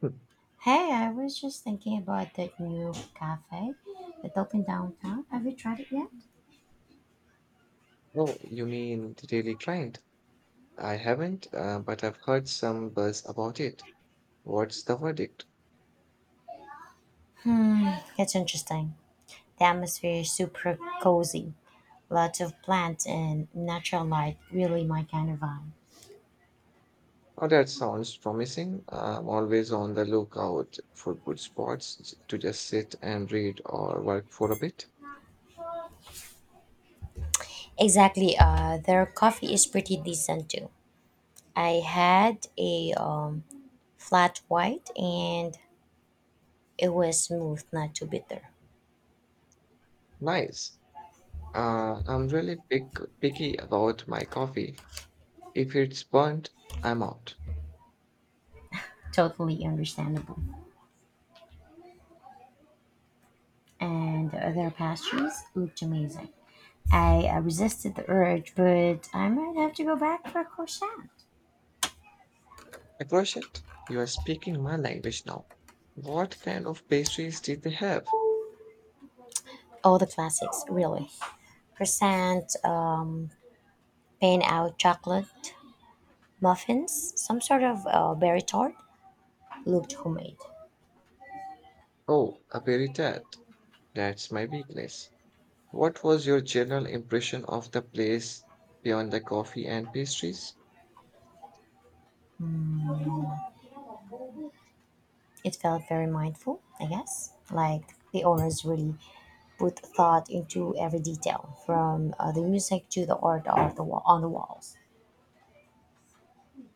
Hmm. Hey, I was just thinking about that new cafe that opened downtown. Have you tried it yet? Oh, you mean the Daily Client? I haven't, but I've heard some buzz about it. What's the verdict? It's interesting. The atmosphere is super cozy. Lots of plants and natural light, really my kind of vibe. Oh, that sounds promising. I'm always on the lookout for good spots to just sit and read or work for a bit. Exactly. Their coffee is pretty decent too. I had a flat white and it was smooth, not too bitter. Nice. I'm really picky about my coffee. If it's burnt, I'm out. Totally understandable. And their pastries looked amazing. I resisted the urge, but I might have to go back for a croissant. I crush it. You are speaking my language now. What kind of pastries did they have? All the classics, really. Croissant, pan out chocolate, muffins, some sort of berry tart looked homemade. Oh, a berry tart. That's my weakness. What was your general impression of the place beyond the coffee and pastries? It felt very mindful, I guess. Like the owners really put thought into every detail, from the music to the art of the on the walls.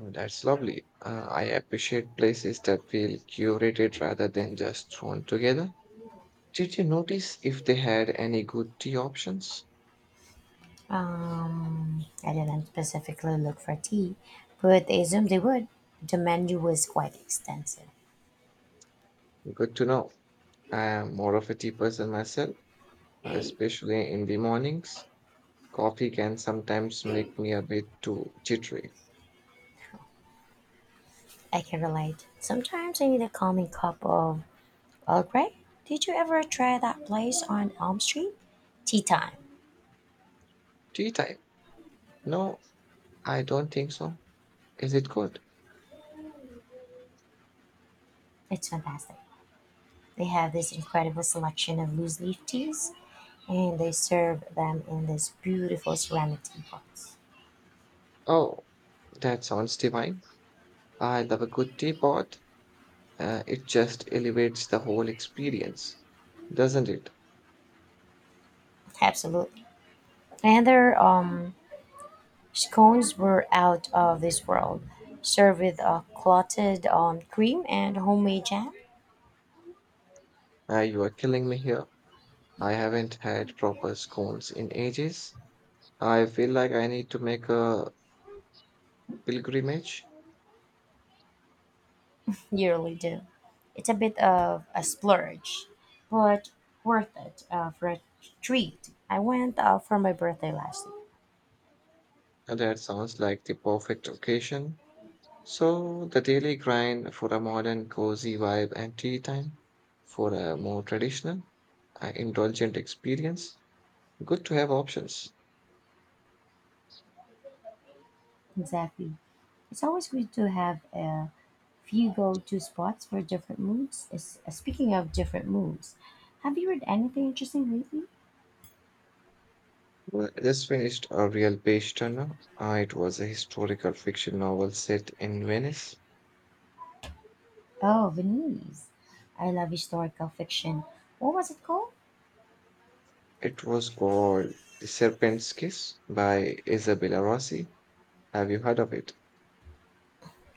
Mm, that's lovely. I appreciate places that feel curated rather than just thrown together. Did you notice if they had any good tea options? I didn't specifically look for tea, but I assumed they would. The menu was quite extensive. Good to know. I am more of a tea person myself, especially in the mornings. Coffee can sometimes make me a bit too jittery. I can relate. Sometimes I need a calming cup of Earl Grey. Did you ever try that place on Elm Street? Tea time. Tea time? No, I don't think so. Is it good? It's fantastic. They have this incredible selection of loose leaf teas, and they serve them in this beautiful ceramic teapots. Oh, that sounds divine. I love a good teapot. It just elevates the whole experience, doesn't it? Absolutely. And their Scones were out of this world, served with a clotted cream and homemade jam. You are killing me here. I haven't had proper scones in ages. I feel like I need to make a pilgrimage. You really do. It's a bit of a splurge, but worth it for a treat. I went for my birthday last year. That sounds like the perfect occasion. So, the daily grind for a modern, cozy vibe, and tea time for a more traditional, indulgent experience. Good to have options. Exactly. It's always good to have a few go-to spots for different moods. Speaking of different moods, have you read anything interesting lately? Well, I just finished A Real Page Turner. It was a historical fiction novel set in Venice. Oh, Venise. I love historical fiction. What was it called? It was called The Serpent's Kiss by Isabella Rossi. Have you heard of it?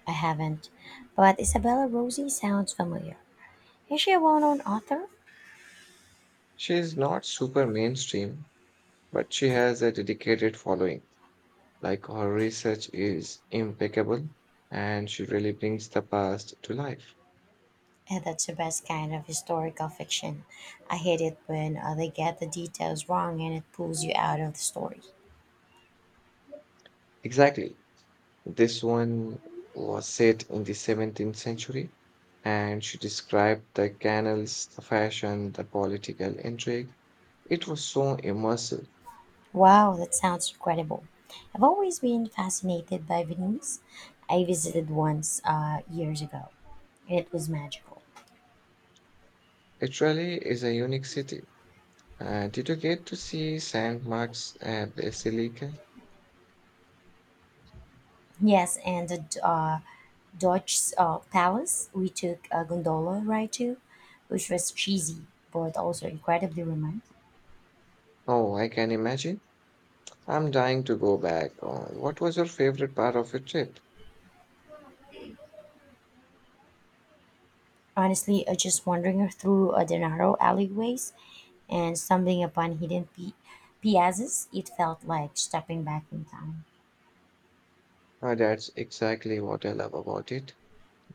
I haven't, but Isabella Rosi sounds familiar. Is she a well known author? She is not super mainstream, but she has a dedicated following. Like, her research is impeccable, and she really brings the past to life. And that's the best kind of historical fiction. I hate it when they get the details wrong and it pulls you out of the story. Exactly. This one was set in the 17th century, and she described the canals, the fashion, the political intrigue. It was so immersive. Wow, that sounds incredible. I've always been fascinated by Venice. I visited once years ago, and it was magical. It really is a unique city. Did you get to see St. Mark's Basilica? Yes, and the Dutch Palace we took a gondola ride to, which was cheesy but also incredibly romantic. Oh, I can imagine. I'm dying to go back. What was your favorite part of your trip? Honestly, I just wandering through the narrow alleyways and stumbling upon hidden piazzas. It felt like stepping back in time. That's exactly what I love about it.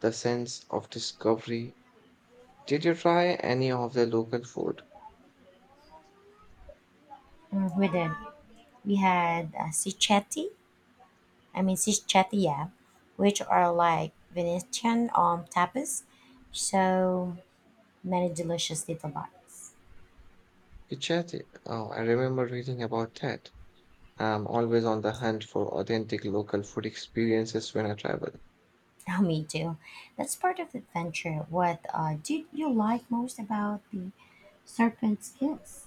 The sense of discovery. Did you try any of the local food? Mm, we did. We had Sichetti, I mean Sichetia, which are like Venetian tapas. So many delicious little bites. Chatty. Oh, I remember reading about that. I'm always on the hunt for authentic local food experiences when I travel. Oh, me too. That's part of the adventure. What did you like most about the Serpent's Kiss?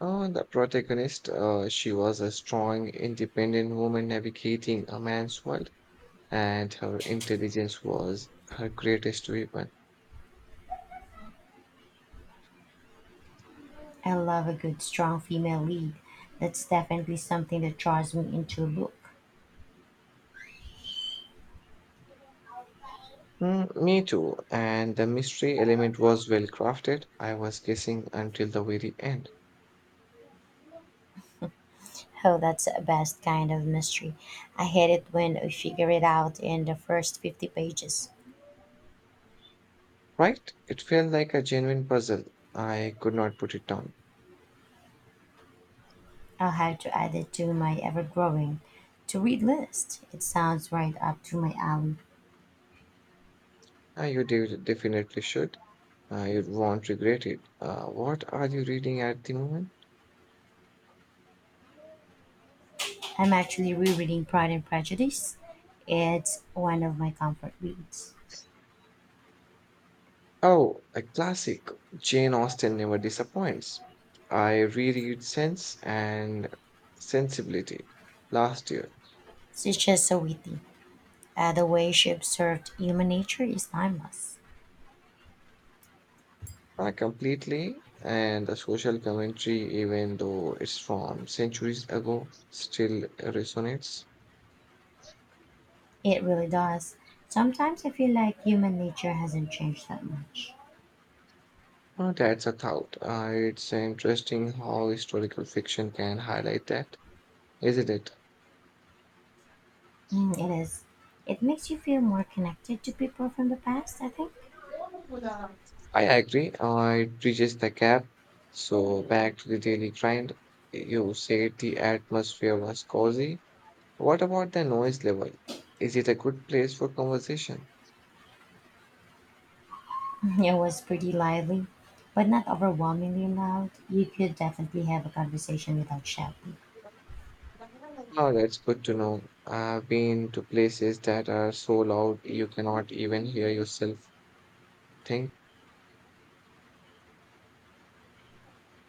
Oh, and the protagonist, she was a strong, independent woman navigating a man's world, and her intelligence was her greatest weapon. I love a good, strong female lead. That's definitely something that draws me into a book. Mm, me too. And the mystery element was well crafted. I was guessing until the very end. Oh, that's the best kind of mystery. I hate it when I figure it out in the first 50 pages. Right? It felt like a genuine puzzle. I could not put it down. I'll have to add it to my ever growing to read list. It sounds right up to my alley. Ah, you definitely should. You won't regret it. What are you reading at the moment? I'm actually rereading Pride and Prejudice. It's one of my comfort reads. Oh, a classic. Jane Austen never disappoints. I reread Sense and Sensibility last year. She's just so witty. The way she observed human nature is timeless. I completely, and the social commentary, even though it's from centuries ago, still resonates. It really does. Sometimes I feel like human nature hasn't changed that much. That's a thought. It's interesting how historical fiction can highlight that, isn't it? Mm, it is. It makes you feel more connected to people from the past, I think. I agree. It bridges the gap. So back to the daily grind. You said the atmosphere was cozy. What about the noise level? Is it a good place for conversation? It was pretty lively, but not overwhelmingly loud. You could definitely have a conversation without shouting. Oh, that's good to know. I've been to places that are so loud you cannot even hear yourself think.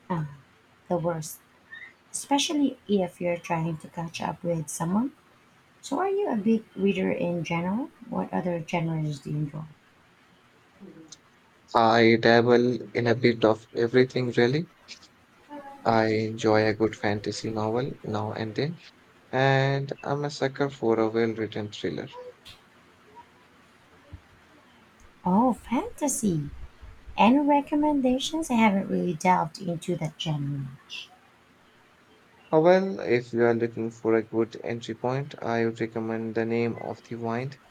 Ah, the worst. Especially if you're trying to catch up with someone. So, are you a big reader in general? What other genres do you enjoy? I dabble in a bit of everything, really. I enjoy a good fantasy novel now and then, and I'm a sucker for a well written thriller. Oh, fantasy! Any recommendations? I haven't really delved into that genre much. However, if you are looking for a good entry point, I would recommend The Name of the Wind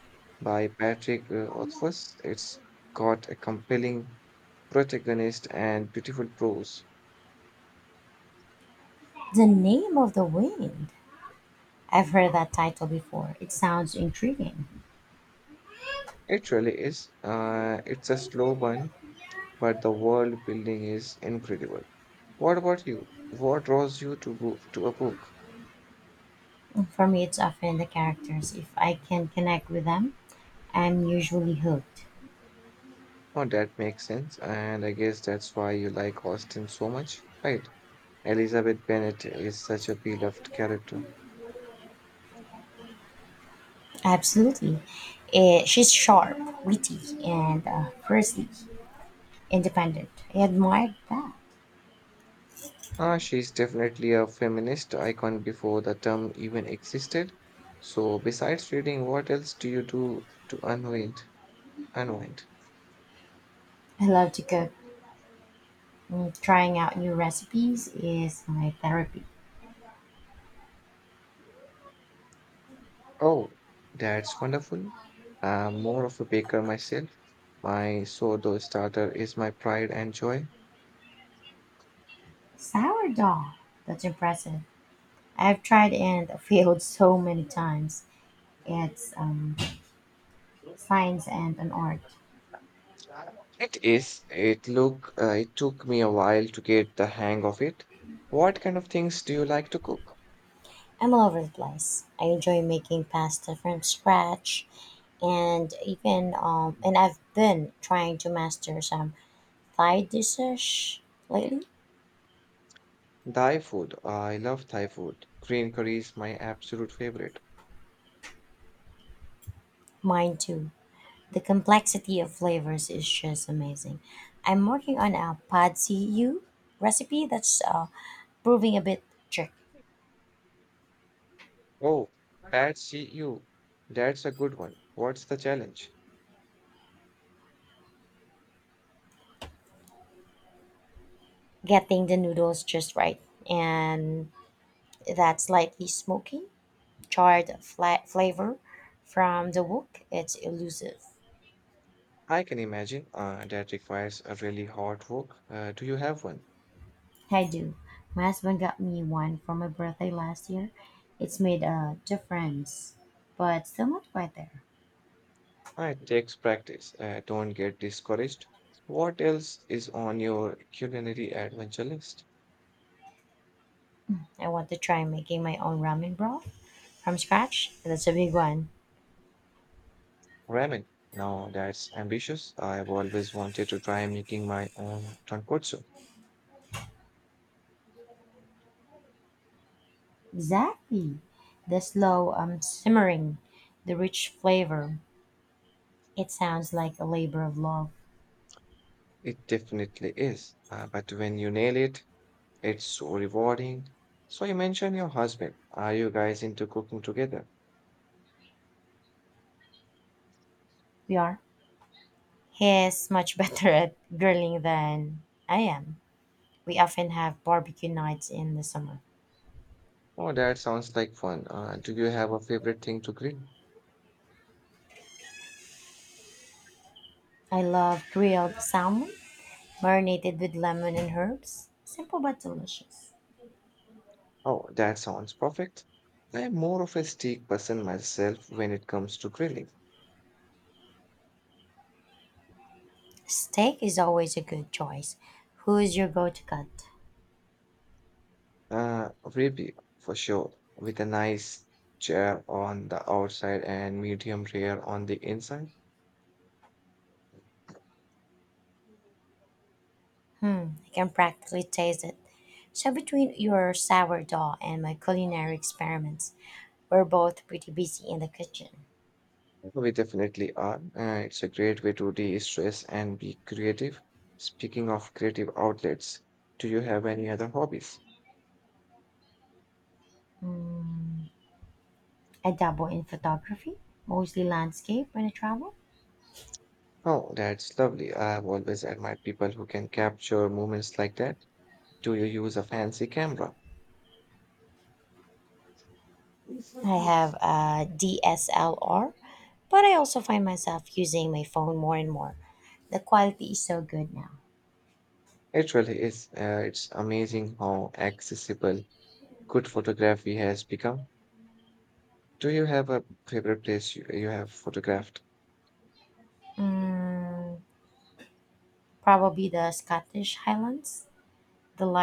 by Patrick Rothfuss. It's got a compelling protagonist and beautiful prose. The Name of the Wind. I've heard that title before. It sounds intriguing. It really is. It's a slow burn, but the world building is incredible. What about you? What draws you to go to a book? For me, it's often the characters. If I can connect with them, I'm usually hooked. Oh, that makes sense, and I guess that's why you like Austin so much, right? Elizabeth Bennet is such a beloved character. Absolutely. Eh, she's sharp, witty, and firstly, independent. I admired that. Ah, she's definitely a feminist icon before the term even existed. So, besides reading, what else do you do to unwind? Unwind. I love to cook. Mm, trying out new recipes is my therapy. Oh, that's wonderful. I'm more of a baker myself. My sourdough starter is my pride and joy. Sourdough. That's impressive. I've tried and failed so many times. It's science and an art. It is. It look. It took me a while to get the hang of it. What kind of things do you like to cook? I'm all over the place. I enjoy making pasta from scratch, and I've been trying to master some Thai dishes lately. Thai food. I love Thai food. Green curry is my absolute favorite. Mine too. The complexity of flavors is just amazing. I'm working on a pad see ew recipe that's proving a bit trick Oh, that's you. That's a good one. What's the challenge? getting the noodles just right and that slightly smoky, charred flat flavor from the wok. It's elusive. I can imagine that requires a really hard work. Do you have one? I do. My husband got me one for my birthday last year. It's made a difference, but still not quite there. It takes practice. Don't get discouraged. What else is on your culinary adventure list? I want to try making my own ramen broth from scratch. That's a big one. Ramen. Now that's ambitious. I've always wanted to try making my own tonkotsu. Exactly. The slow Simmering, the rich flavor. It sounds like a labor of love. It definitely is. But when you nail it, it's so rewarding. So you mentioned your husband. Are you guys into cooking together? We are. He's much better at grilling than I am. We often have barbecue nights in the summer. Oh, that sounds like fun. Do you have a favorite thing to grill? I love grilled salmon, marinated with lemon and herbs. Simple but delicious. Oh, that sounds perfect. I'm more of a steak person myself when it comes to grilling. Steak is always a good choice. Who is your go to cut? Ribeye for sure, with a nice chair on the outside and medium rare on the inside. I can practically taste it. So, between your sourdough and my culinary experiments, we're both pretty busy in the kitchen. Well, we definitely are. It's a great way to de-stress and be creative. Speaking of creative outlets, do you have any other hobbies? I dabble in photography, mostly landscape when I travel. Oh, that's lovely. I've always admired people who can capture moments like that. Do you use a fancy camera? I have It a DSLR, but I also find myself using my phone more and more. The quality is so good now. really is. It's amazing how accessible good photography has become. Do you have a favorite place you have photographed? Mm, probably the Scottish Highlands. The light